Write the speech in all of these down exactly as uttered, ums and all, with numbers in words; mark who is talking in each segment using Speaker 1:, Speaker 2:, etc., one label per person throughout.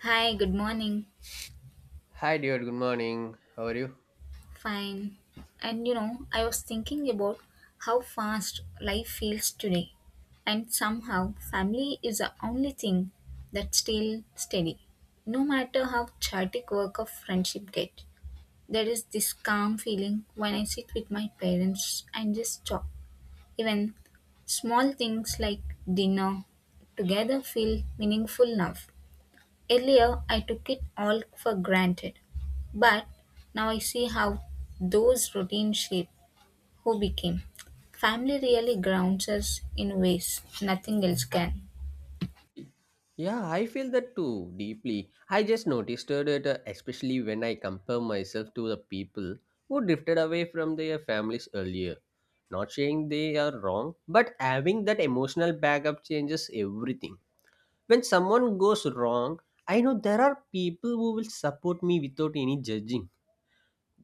Speaker 1: Hi, good morning.
Speaker 2: Hi, dear. Good morning. How are you?
Speaker 1: Fine. And you know, I was thinking about how fast life feels today. And somehow, family is the only thing that's still steady. No matter how chaotic work of friendship get, there is this calm feeling when I sit with my parents and just talk. Even small things like dinner together feel meaningful now. Earlier, I took it all for granted, but now I see how those routines shape who became. Family really grounds us in ways nothing else can.
Speaker 2: Yeah, I feel that too deeply. I just noticed it, uh, especially when I compare myself to the people who drifted away from their families earlier. Not saying they are wrong, but having that emotional backup changes everything. When someone goes wrong, I know there are people who will support me without any judging.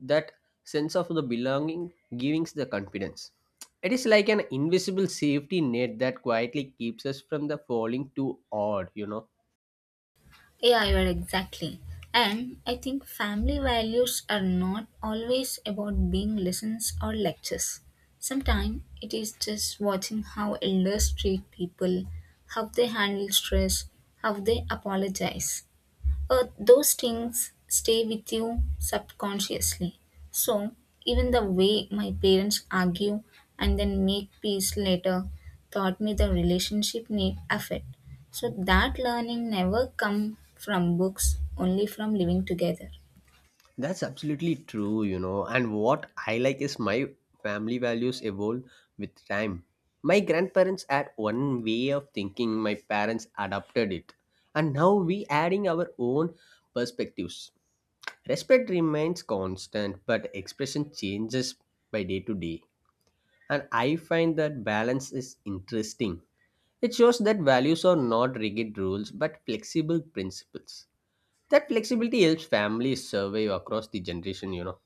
Speaker 2: That sense of the belonging gives the confidence. It is like an invisible safety net that quietly keeps us from the falling too hard you know
Speaker 1: Yeah, you are exactly. And I think family values are not always about being lessons or lectures. Sometimes it is just watching how elders treat people, how they handle stress, how they apologize. Uh, those things stay with you subconsciously. So, even the way my parents argue and then make peace later taught me the relationship need effort. So, that learning never come from books, only from living together.
Speaker 2: That's absolutely true, you know and what I like is my family values evolve with time. My grandparents had one way of thinking, my parents adopted it, and now we adding our own perspectives. Respect remains constant but expression changes by day to day. And I find that balance is interesting. It shows that values are not rigid rules but flexible principles. That flexibility helps families survive across the generation, you know.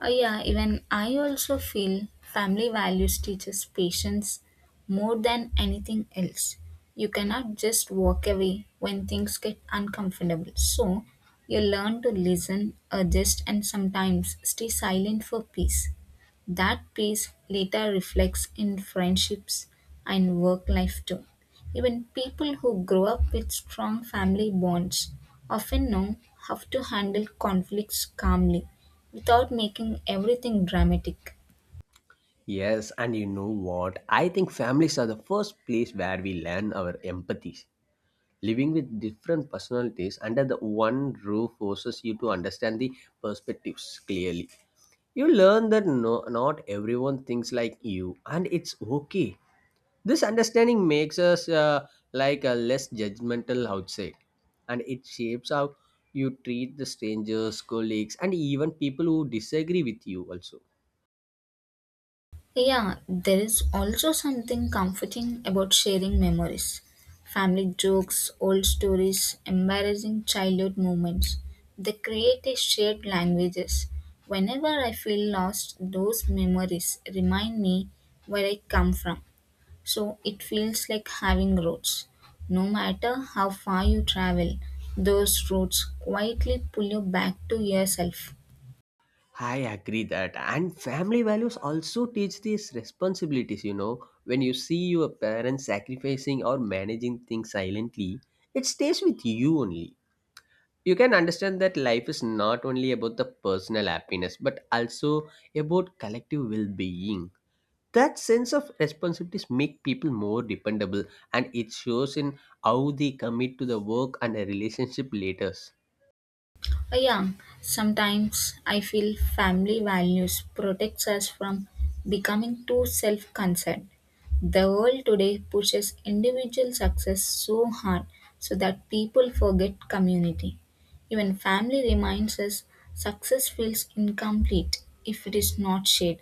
Speaker 1: Uh, yeah, even I also feel family values teaches patience more than anything else. You cannot just walk away when things get uncomfortable. So, you learn to listen, adjust, and sometimes stay silent for peace. That peace later reflects in friendships and work life too. Even people who grow up with strong family bonds often know how to handle conflicts calmly without making everything dramatic.
Speaker 2: Yes, and you know what? I think families are the first place where we learn our empathies. Living with different personalities under the one roof forces you to understand the perspectives clearly. You learn that no, not everyone thinks like you, and it's okay. This understanding makes us uh, like a less judgmental outside, and it shapes how you treat the strangers, colleagues, and even people who disagree with you. Also,
Speaker 1: Yeah, there is also something comforting about sharing memories. Family jokes, old stories, embarrassing childhood moments. They create a shared languages. Whenever I feel lost, those memories remind me where I come from. So it feels like having roots. No matter how far you travel, those roots quietly pull you back to yourself.
Speaker 2: I agree that, and family values also teach these responsibilities. You know, when you see your parents sacrificing or managing things silently, it stays with you only. You can understand that life is not only about the personal happiness but also about collective well being. That sense of responsibilities make people more dependable, and it shows in how they commit to the work and a relationship later.
Speaker 1: Uh, Yeah, sometimes I feel family values protects us from becoming too self-concerned. The world today pushes individual success so hard so that people forget community. Even family reminds us success feels incomplete if it is not shared.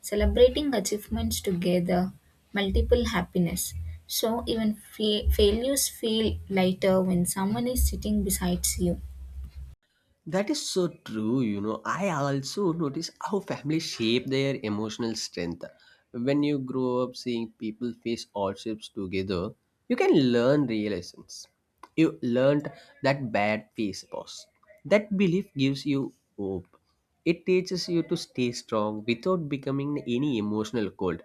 Speaker 1: Celebrating achievements together, multiple happiness. So even fa- failures feel lighter when someone is sitting beside you.
Speaker 2: That is so true, you know. I also notice how families shape their emotional strength. When you grow up seeing people face hardships together, you can learn real lessons. You learned that bad phase was. That belief gives you hope. It teaches you to stay strong without becoming any emotional cold.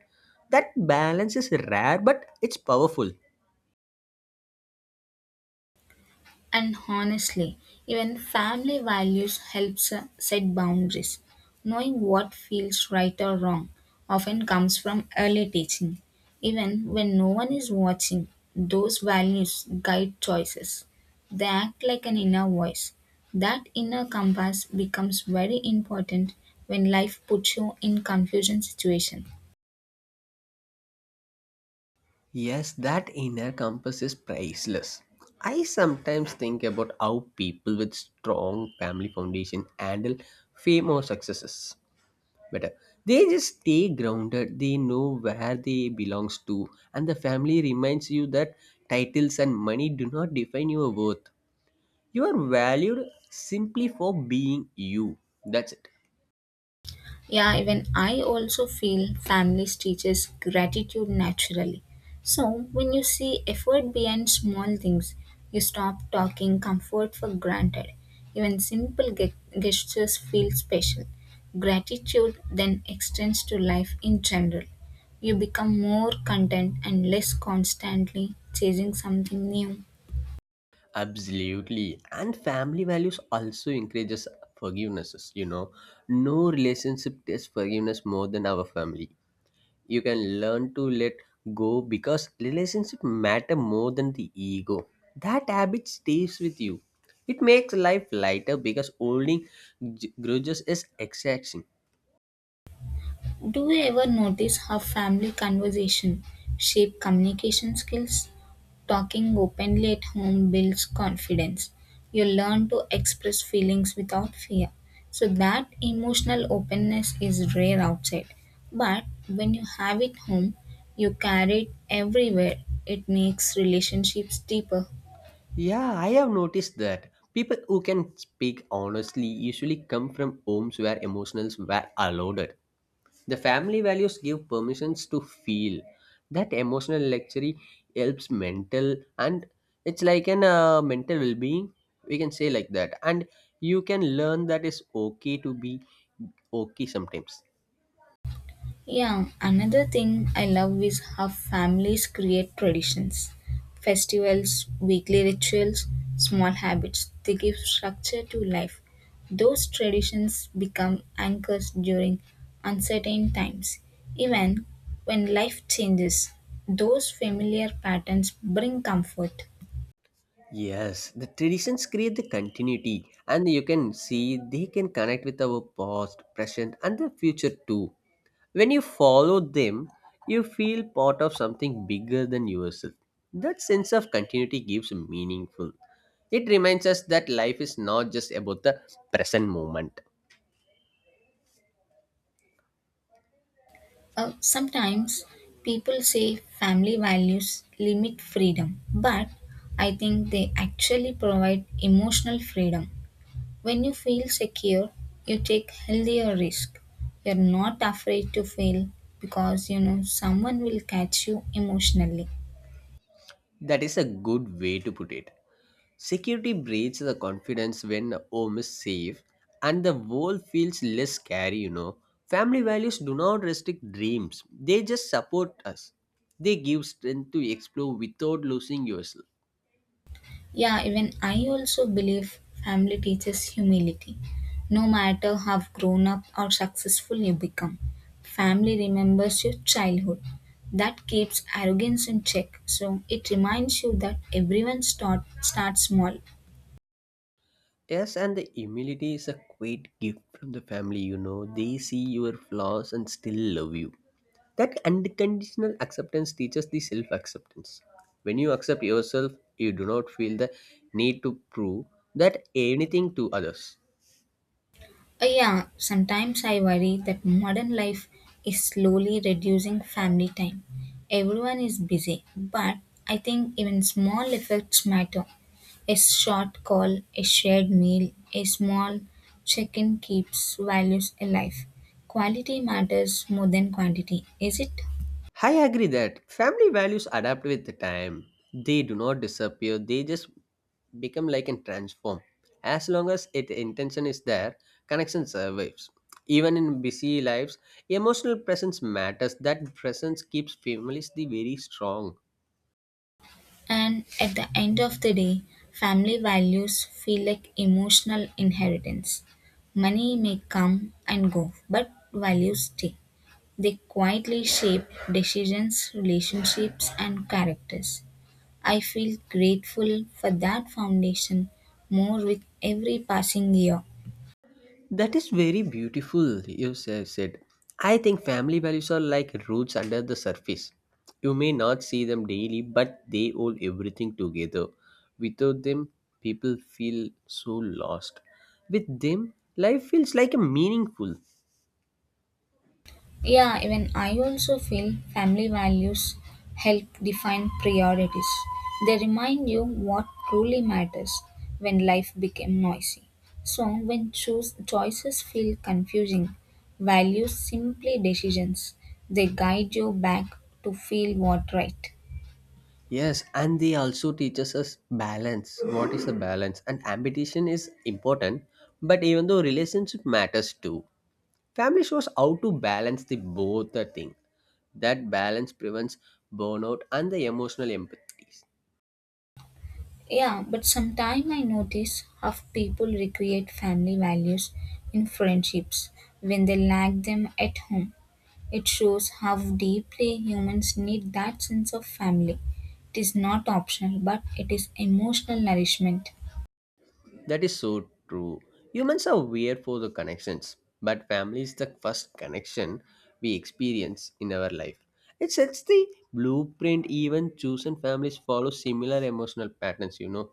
Speaker 2: That balance is rare, but it's powerful.
Speaker 1: And honestly, even family values helps uh, set boundaries. Knowing what feels right or wrong often comes from early teaching. Even when no one is watching, those values guide choices. They act like an inner voice. That inner compass becomes very important when life puts you in confusing situations.
Speaker 2: Yes, that inner compass is priceless. I sometimes think about how people with strong family foundation handle fame or successes better. They just stay grounded, they know where they belongs to, and the family reminds you that titles and money do not define your worth. You are valued simply for being you. That's it.
Speaker 1: Yeah, even I also feel families teaches gratitude naturally. So when you see effort behind small things, you stop talking comfort for granted. Even simple ge- gestures feel special. Gratitude then extends to life in general. You become more content and less constantly chasing something new.
Speaker 2: Absolutely. And family values also encourages forgivenesses, you know. No relationship tests forgiveness more than our family. You can learn to let go because relationship matter more than the ego. That habit stays with you. It makes life lighter because holding g- grudges is exhausting.
Speaker 1: Do you ever notice how family conversation shape communication skills? Talking openly at home builds confidence. You learn to express feelings without fear. So that emotional openness is rare outside. But when you have it home, you carry it everywhere. It makes relationships deeper.
Speaker 2: Yeah, I have noticed that. People who can speak honestly usually come from homes where emotions were allowed. The family values give permissions to feel. That emotional luxury helps mental, and it's like an uh, mental well-being. We can say like that, and you can learn that it's okay to be okay sometimes.
Speaker 1: Yeah, another thing I love is how families create traditions, festivals, weekly rituals, small habits. They give structure to life. Those traditions become anchors during uncertain times. Even when life changes, those familiar patterns bring comfort.
Speaker 2: Yes, the traditions create the continuity, and you can see they can connect with our past, present, and the future too. When you follow them, you feel part of something bigger than yourself. That sense of continuity gives meaningful. It reminds us that life is not just about the present moment.
Speaker 1: Uh, sometimes people say family values limit freedom, but I think they actually provide emotional freedom. When you feel secure, you take healthier risk. You're not afraid to fail because you know someone will catch you emotionally.
Speaker 2: That is a good way to put it. Security breeds the confidence when home is safe and the world feels less scary, you know. Family values do not restrict dreams, they just support us. They give strength to explore without losing yourself.
Speaker 1: Yeah, even I also believe family teaches humility. No matter how grown up or successful you become, family remembers your childhood. That keeps arrogance in check. So it reminds you that everyone start, starts small.
Speaker 2: Yes, and the humility is a great gift from the family, you know. They see your flaws and still love you. That unconditional acceptance teaches the self acceptance. When you accept yourself, you do not feel the need to prove that anything to others.
Speaker 1: Uh, yeah, sometimes I worry that modern life is slowly reducing family time. Everyone is busy, but I think even small efforts matter. A short call, a shared meal, a small check in keeps values alive. Quality matters more than quantity, is it?
Speaker 2: I agree that family values adapt with the time. They do not disappear, they just become like and transform. As long as it intention is there, connection survives. Even in busy lives, emotional presence matters. That presence keeps families the very strong.
Speaker 1: And at the end of the day, family values feel like emotional inheritance. Money may come and go, but values stay. They quietly shape decisions, relationships, and characters. I feel grateful for that foundation more with every passing year.
Speaker 2: That is very beautiful, you sa- said. I think family values are like roots under the surface. You may not see them daily, but they hold everything together. Without them, people feel so lost. With them, life feels like a meaningful.
Speaker 1: Yeah, even I also feel family values help define priorities. They remind you what truly matters when life became noisy. So, when choose, choices feel confusing, values simply decisions. They guide you back to feel what right.
Speaker 2: Yes, and they also teaches us balance. What is the balance? And ambition is important, but even though relationship matters too. Family shows how to balance the both the thing. That balance prevents burnout and the emotional empathies.
Speaker 1: Yeah, but sometimes I notice how people recreate family values in friendships when they lack them at home. It shows how deeply humans need that sense of family. It is not optional, but it is emotional nourishment.
Speaker 2: That is so true. Humans are weird for the connections, but family is the first connection we experience in our life. It sets the blueprint, even chosen families follow similar emotional patterns, you know.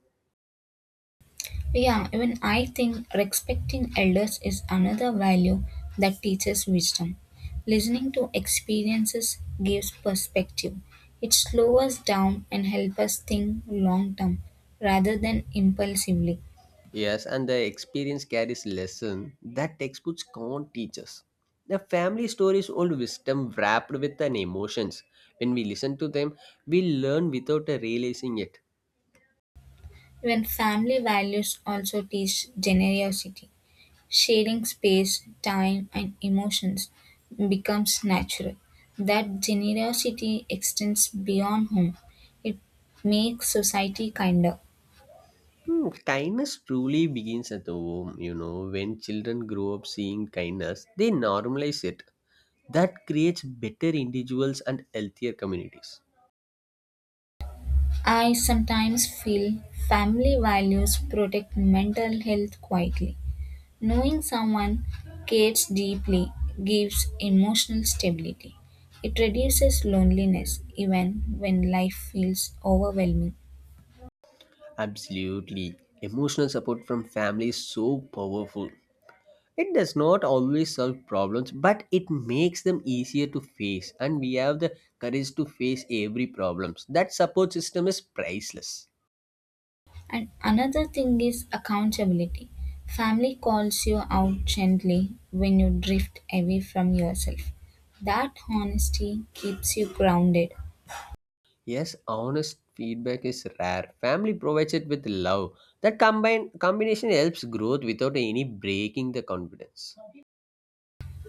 Speaker 1: Yeah, even I think respecting elders is another value that teaches wisdom. Listening to experiences gives perspective. It slows us down and helps us think long term rather than impulsively.
Speaker 2: Yes, and the experience carries lesson that textbooks can't teach us. The family story is old wisdom wrapped with an emotions. When we listen to them, we learn without uh, realizing it.
Speaker 1: Even family values also teach generosity. Sharing space, time, and emotions becomes natural. That generosity extends beyond home. It makes society kinder.
Speaker 2: Hmm, kindness truly begins at home, you know. When children grow up seeing kindness, they normalize it. That creates better individuals and healthier communities.
Speaker 1: I sometimes feel family values protect mental health quietly. Knowing someone cares deeply gives emotional stability. It reduces loneliness even when life feels overwhelming.
Speaker 2: Absolutely. Emotional support from family is so powerful. It does not always solve problems, but it makes them easier to face, and we have the courage to face every problems. That support system is priceless.
Speaker 1: And another thing is accountability. Family calls you out gently when you drift away from yourself. That honesty keeps you grounded.
Speaker 2: Yes, honest feedback is rare. Family provides it with love. That combine combination helps growth without any breaking the confidence.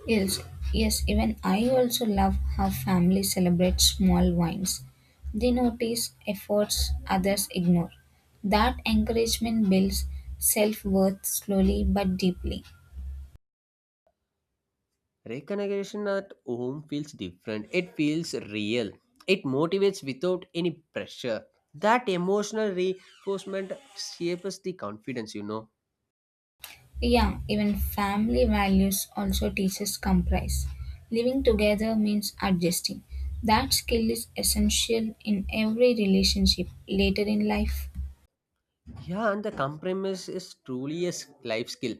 Speaker 1: Yes, yes, even I also love how families celebrate small wins. They notice efforts others ignore. That encouragement builds self worth slowly but deeply.
Speaker 2: Recognition at home feels different. It feels real. It motivates without any pressure. That emotional reinforcement shapes the confidence, you know.
Speaker 1: Yeah, even family values also teaches compromise. Living together means adjusting. That skill is essential in every relationship later in life.
Speaker 2: Yeah, and the compromise is truly a s- life skill.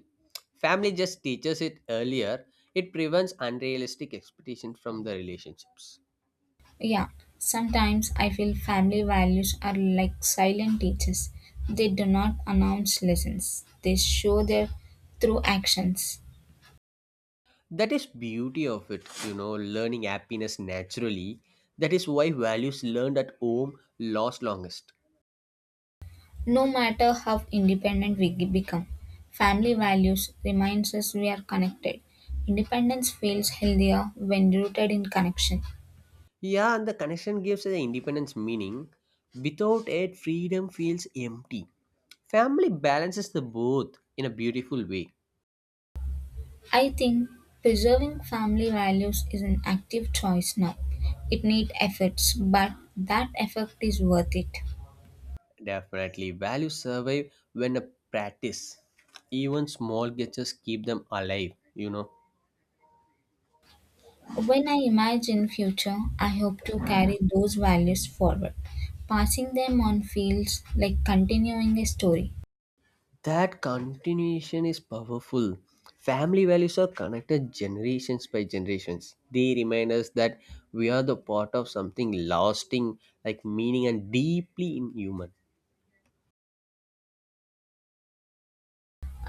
Speaker 2: Family just teaches it earlier. It prevents unrealistic expectations from the relationships.
Speaker 1: Yeah, sometimes I feel family values are like silent teachers. They do not announce lessons, they show their through actions.
Speaker 2: That is beauty of it, you know, learning happiness naturally. That is why values learned at home last longest.
Speaker 1: No matter how independent we ge- become, family values reminds us we are connected. Independence feels healthier when rooted in connection.
Speaker 2: Yeah, and the connection gives the independence meaning. Without it freedom feels empty. Family balances the both in a beautiful way.
Speaker 1: I think preserving family values is an active choice now. It needs efforts, but that effort is worth it.
Speaker 2: Definitely values survive when a practice, even small gestures keep them alive, you know
Speaker 1: When I imagine future, I hope to carry those values forward, passing them on feels like continuing a story.
Speaker 2: That continuation is powerful. Family values are connected generations by generations. They remind us that we are the part of something lasting, like meaning and deeply inhuman.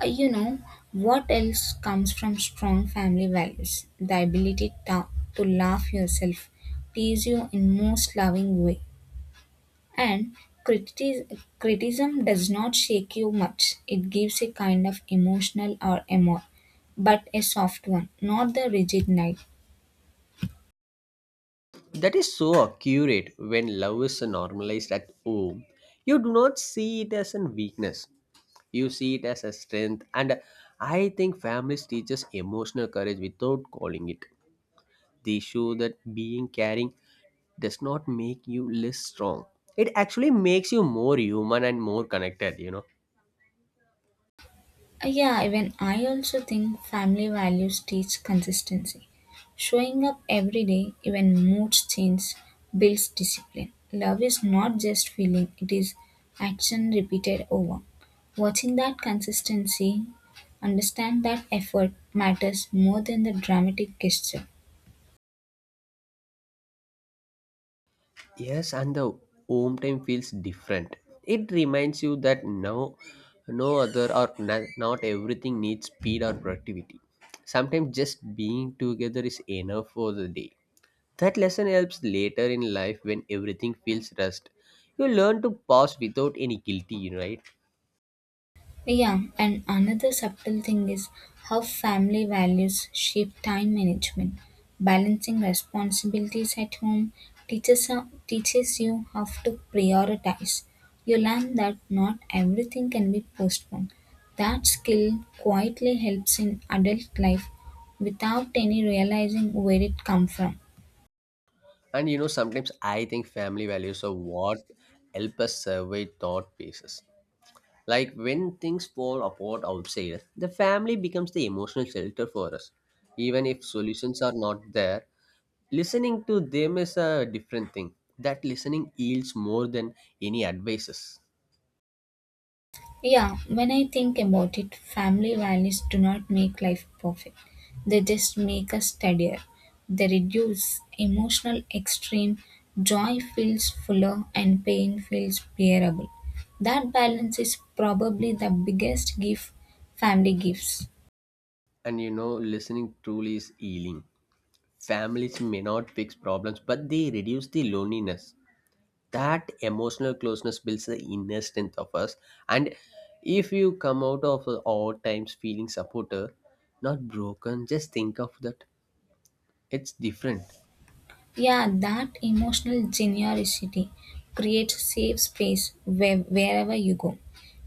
Speaker 1: Uh, you know, what else comes from strong family values? The ability to, to laugh yourself, tease you in most loving way, and criti- criticism does not shake you much. It gives a kind of emotional or amor, but a soft one, not the rigid knife.
Speaker 2: That is so accurate when love is normalized at home. You do not see it as a weakness, you see it as a strength. And I think families teach us emotional courage without calling it. They show that being caring does not make you less strong. It actually makes you more human and more connected, you know.
Speaker 1: Uh, yeah, even I also think family values teach consistency. Showing up every day, even moods change, builds discipline. Love is not just feeling, it is action repeated over. Watching that consistency, understand that effort matters more than the dramatic gesture.
Speaker 2: Yes, and the home time feels different. It reminds you that no, no other or no- not everything needs speed or productivity. Sometimes just being together is enough for the day. That lesson helps later in life when everything feels rushed. You learn to pause without any guilty, right?
Speaker 1: Yeah, and another subtle thing is how family values shape time management. Balancing responsibilities at home teaches, uh, teaches you how to prioritize. You learn that not everything can be postponed. That skill quietly helps in adult life without any realizing where it comes from.
Speaker 2: And you know, sometimes I think family values are what help us survive thought pieces. Like when things fall apart outside us, the family becomes the emotional shelter for us. Even if solutions are not there, listening to them is a different thing. That listening yields more than any advices.
Speaker 1: Yeah, when I think about it, family values do not make life perfect. They just make us steadier. They reduce emotional extreme. Joy feels fuller and pain feels bearable. That balance is probably the biggest gift family gives.
Speaker 2: And you know, listening truly is healing. Families may not fix problems, but they reduce the loneliness. That emotional closeness builds the inner strength of us, and if you come out of all times feeling supported, not broken, just think of that. It's different.
Speaker 1: Yeah, that emotional generosity creates safe space where, wherever you go.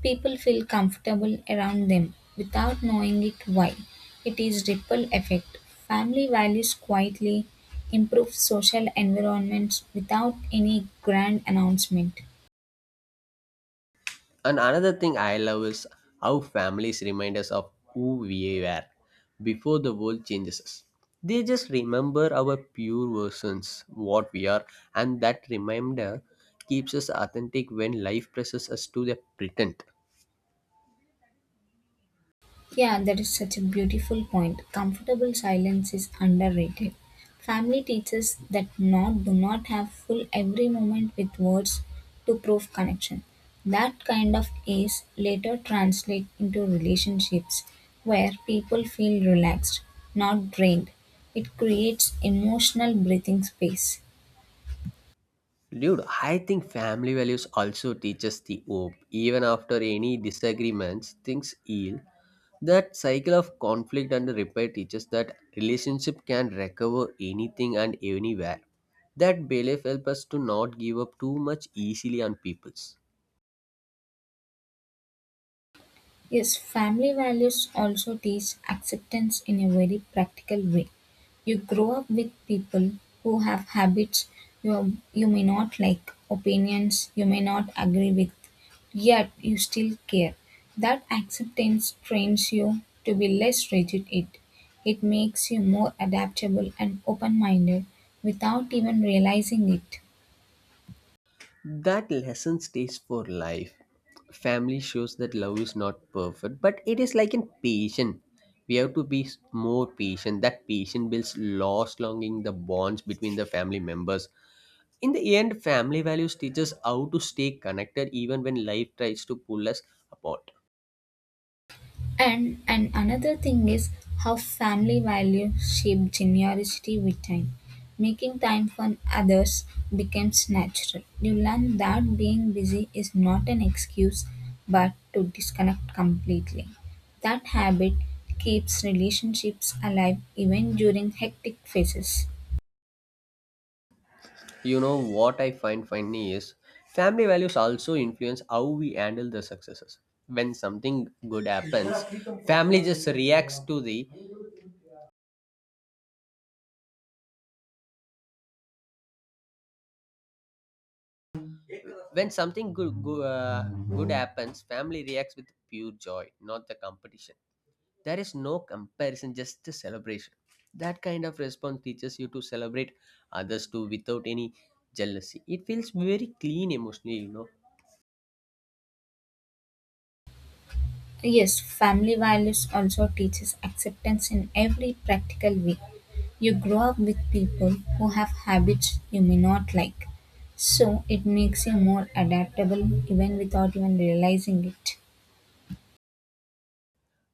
Speaker 1: People feel comfortable around them without knowing it why. It is ripple effect. Family values quietly improve social environments without any grand announcement.
Speaker 2: And another thing I love is how families remind us of who we were before the world changes us. They just remember our pure versions what we are, and that reminder keeps us authentic when life presses us to the pretend.
Speaker 1: Yeah, that is such a beautiful point. Comfortable silence is underrated. Family teaches that not do not have full every moment with words to prove connection. That kind of ease later translate into relationships where people feel relaxed, not drained. It creates emotional breathing space.
Speaker 2: Dude, I think family values also teach us the hope. Even after any disagreements, things heal. That cycle of conflict and repair teaches that relationship can recover anything and anywhere. That belief helps us to not give up too much easily on peoples.
Speaker 1: Yes, family values also teach acceptance in a very practical way. You grow up with people who have habits you, you may not like, opinions you may not agree with, yet you still care. That acceptance trains you to be less rigid. It, it makes you more adaptable and open minded without even realizing it.
Speaker 2: That lesson stays for life. Family shows that love is not perfect, but it is like in patient. We have to be s- more patient. That patient builds lost longing, the bonds between the family members. In the end, family values teach us how to stay connected even when life tries to pull us apart.
Speaker 1: And and another thing is how family values shape generosity with time. Making time for others becomes natural. You learn that being busy is not an excuse but to disconnect completely. That habit keeps relationships alive even during hectic phases.
Speaker 2: You know what I find funny is family values also influence how we handle the successes. When something good happens, family just reacts to the When something good good, uh, good happens, family reacts with pure joy, not the competition. There is no comparison, just a celebration. That kind of response teaches you to celebrate others too without any jealousy. It feels very clean emotionally, you know.
Speaker 1: Yes, family values also teaches acceptance in every practical way. You grow up with people who have habits you may not like. So it makes you more adaptable even without even realizing it.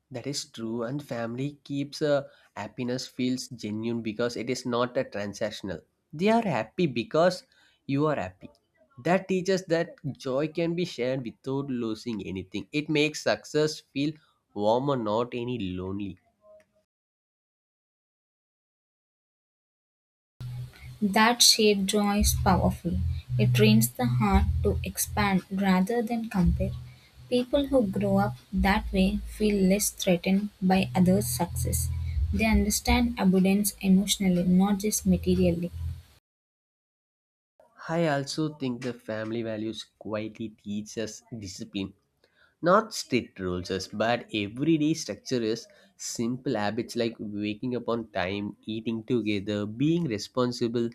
Speaker 2: That is true, and family keeps a happiness feels genuine because it is not a transactional. They are happy because you are happy. That teaches that joy can be shared without losing anything. It makes success feel warmer, not any lonely.
Speaker 1: That shared joy is powerful. It trains the heart to expand rather than compare. People who grow up that way feel less threatened by others' success. They understand abundance emotionally, not just materially.
Speaker 2: I also think the family values quietly teach us discipline. Not strict rules, yes, but everyday structure is simple habits like waking up on time, eating together, being responsible.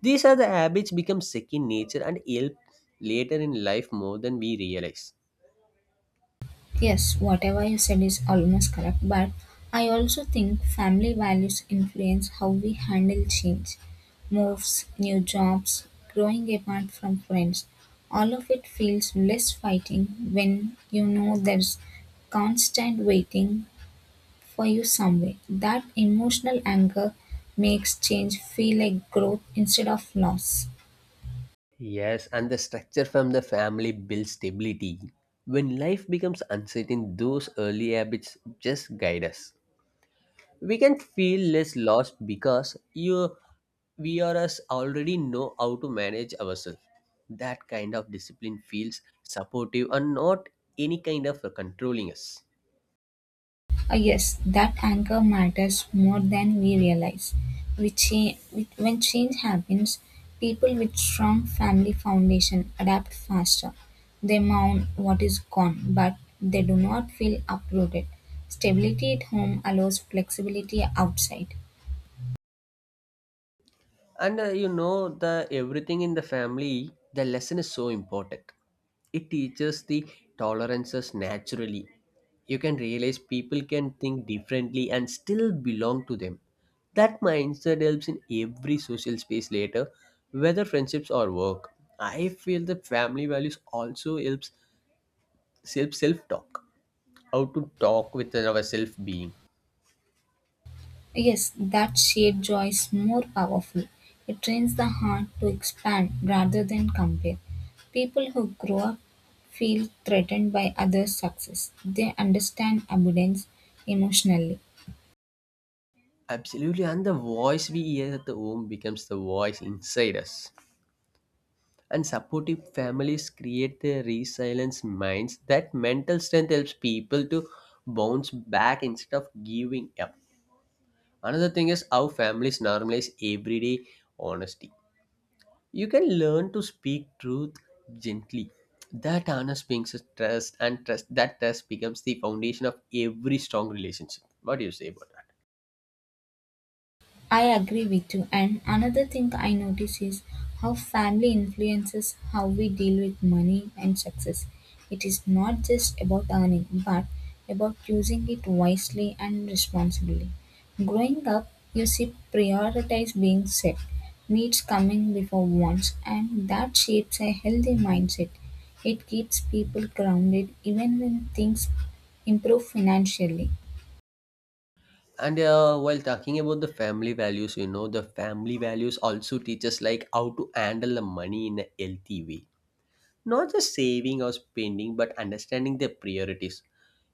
Speaker 2: These are the habits become second nature and help later in life more than we realize.
Speaker 1: Yes, whatever you said is almost correct, but I also think family values influence how we handle change, moves, new jobs, growing apart from friends. All of it feels less fighting when you know there's constant waiting for you somewhere. That emotional anger makes change feel like growth instead of loss.
Speaker 2: Yes, and the structure from the family builds stability. When life becomes uncertain, those early habits just guide us. We can feel less lost because you we are us already know how to manage ourselves. That kind of discipline feels supportive and not any kind of controlling us.
Speaker 1: Ah, yes, that anchor matters more than we realize. We cha- we- when change happens, people with strong family foundation adapt faster. They mourn what is gone, but they do not feel uprooted. Stability at home allows flexibility outside.
Speaker 2: And uh, you know, the everything in the family, the lesson is so important. It teaches the tolerances naturally. You can realize people can think differently and still belong to them. That mindset helps in every social space later, whether friendships or work. I feel the family values also helps self self talk. How to talk with our self being.
Speaker 1: Yes, that shared joy is more powerful. It trains the heart to expand rather than compare. People who grow up feel threatened by others' success. They understand abundance emotionally.
Speaker 2: Absolutely, and the voice we hear at the home becomes the voice inside us. And supportive families create the resilience minds. That mental strength helps people to bounce back instead of giving up. Another thing is how families normalize everyday honesty. You can learn to speak truth gently. That honest brings us trust, and trust that trust becomes the foundation of every strong relationship. What do you say about that?
Speaker 1: I agree with you. And another thing I notice is how family influences how we deal with money and success. It is not just about earning, but about using it wisely and responsibly. Growing up, you see, prioritize being set, needs coming before wants, and that shapes a healthy mindset. It keeps people grounded even when things improve financially.
Speaker 2: And uh, while talking about the family values you know the family values also teach us like how to handle the money in a healthy way, not just saving or spending but understanding their priorities.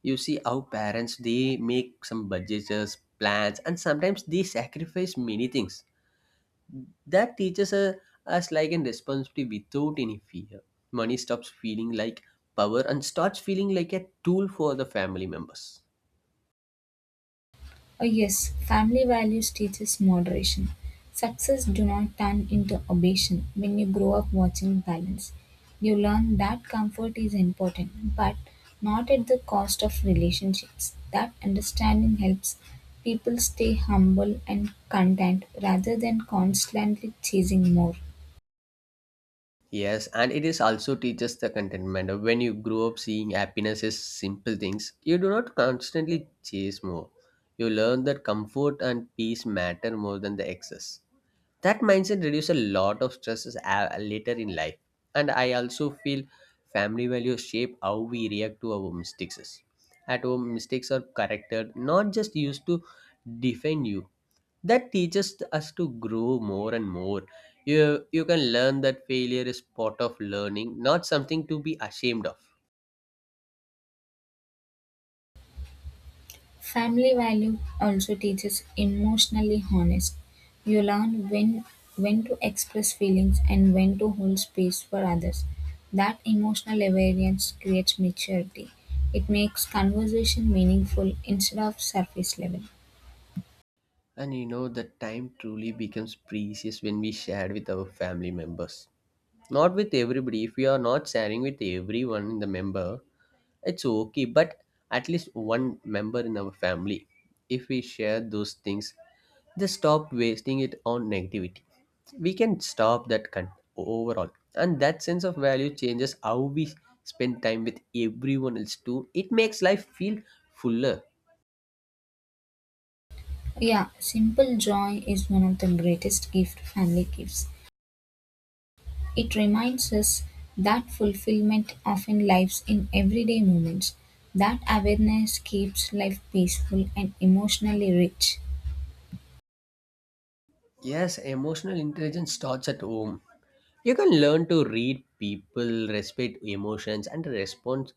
Speaker 2: You see how parents they make some budgets, uh, plans, and sometimes they sacrifice many things. That teaches uh, us like in responsibility without any fear. Money stops feeling like power and starts feeling like a tool for the family members.
Speaker 1: Oh, yes, family values teaches moderation. Success do not turn into obsession. When you grow up watching balance, you learn that comfort is important, but not at the cost of relationships. That understanding helps people stay humble and content rather than constantly chasing more.
Speaker 2: Yes, and it is also teaches the contentment. When you grow up seeing happiness as simple things, you do not constantly chase more. You learn that comfort and peace matter more than the excess. That mindset reduces a lot of stresses a- later in life. And I also feel family values shape how we react to our mistakes. At home mistakes are corrected, not just used to defend you. That teaches us to grow more and more. you you can learn that failure is part of learning, not something to be ashamed of.
Speaker 1: Family value also teaches emotionally honest. You learn when when to express feelings and when to hold space for others. That emotional awareness creates maturity. It makes conversation meaningful instead of surface level.
Speaker 2: And you know the time truly becomes precious when we share with our family members, not with everybody. If we are not sharing with everyone in the member, it's okay, but at least one member in our family, if we share those things, just stop wasting it on negativity. We can stop that con- overall. And that sense of value changes how we spend time with everyone else too. It makes life feel fuller.
Speaker 1: Yeah, simple joy is one of the greatest gift family gives. It reminds us that fulfillment often lies in everyday moments. That awareness keeps life peaceful and emotionally rich.
Speaker 2: Yes, emotional intelligence starts at home. You can learn to read people, respect emotions, and respond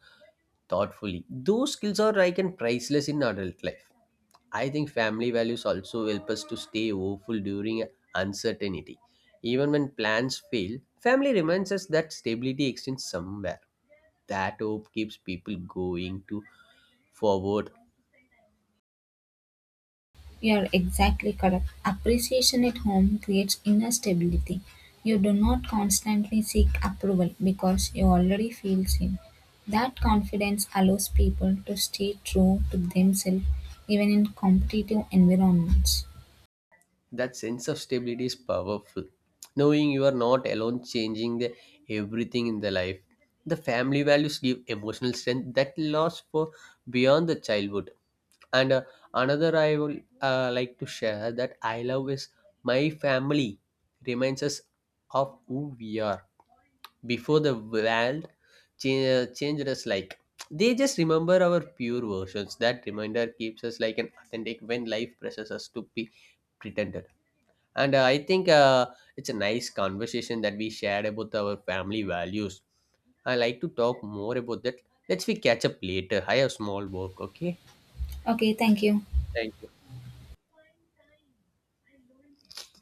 Speaker 2: thoughtfully. Those skills are like and priceless in adult life. I think family values also help us to stay hopeful during uncertainty. Even when plans fail, family reminds us that stability exists somewhere. That hope keeps people going to forward.
Speaker 1: You're exactly correct. Appreciation at home creates inner stability. You do not constantly seek approval because you already feel seen. That confidence allows people to stay true to themselves even in competitive environments.
Speaker 2: That sense of stability is powerful. Knowing you are not alone changing the everything in the life. The family values give emotional strength that lasts for beyond the childhood. And uh, Another I will uh, like to share that I love is my family reminds us of who we are before the world change, changed us like. They just remember our pure versions. That reminder keeps us like an authentic when life presses us to be pretended. And uh, I think uh, it's a nice conversation that we shared about our family values. I like to talk more about that. Let's we catch up later. I have small work. Okay.
Speaker 1: Okay, thank you.
Speaker 2: Thank you.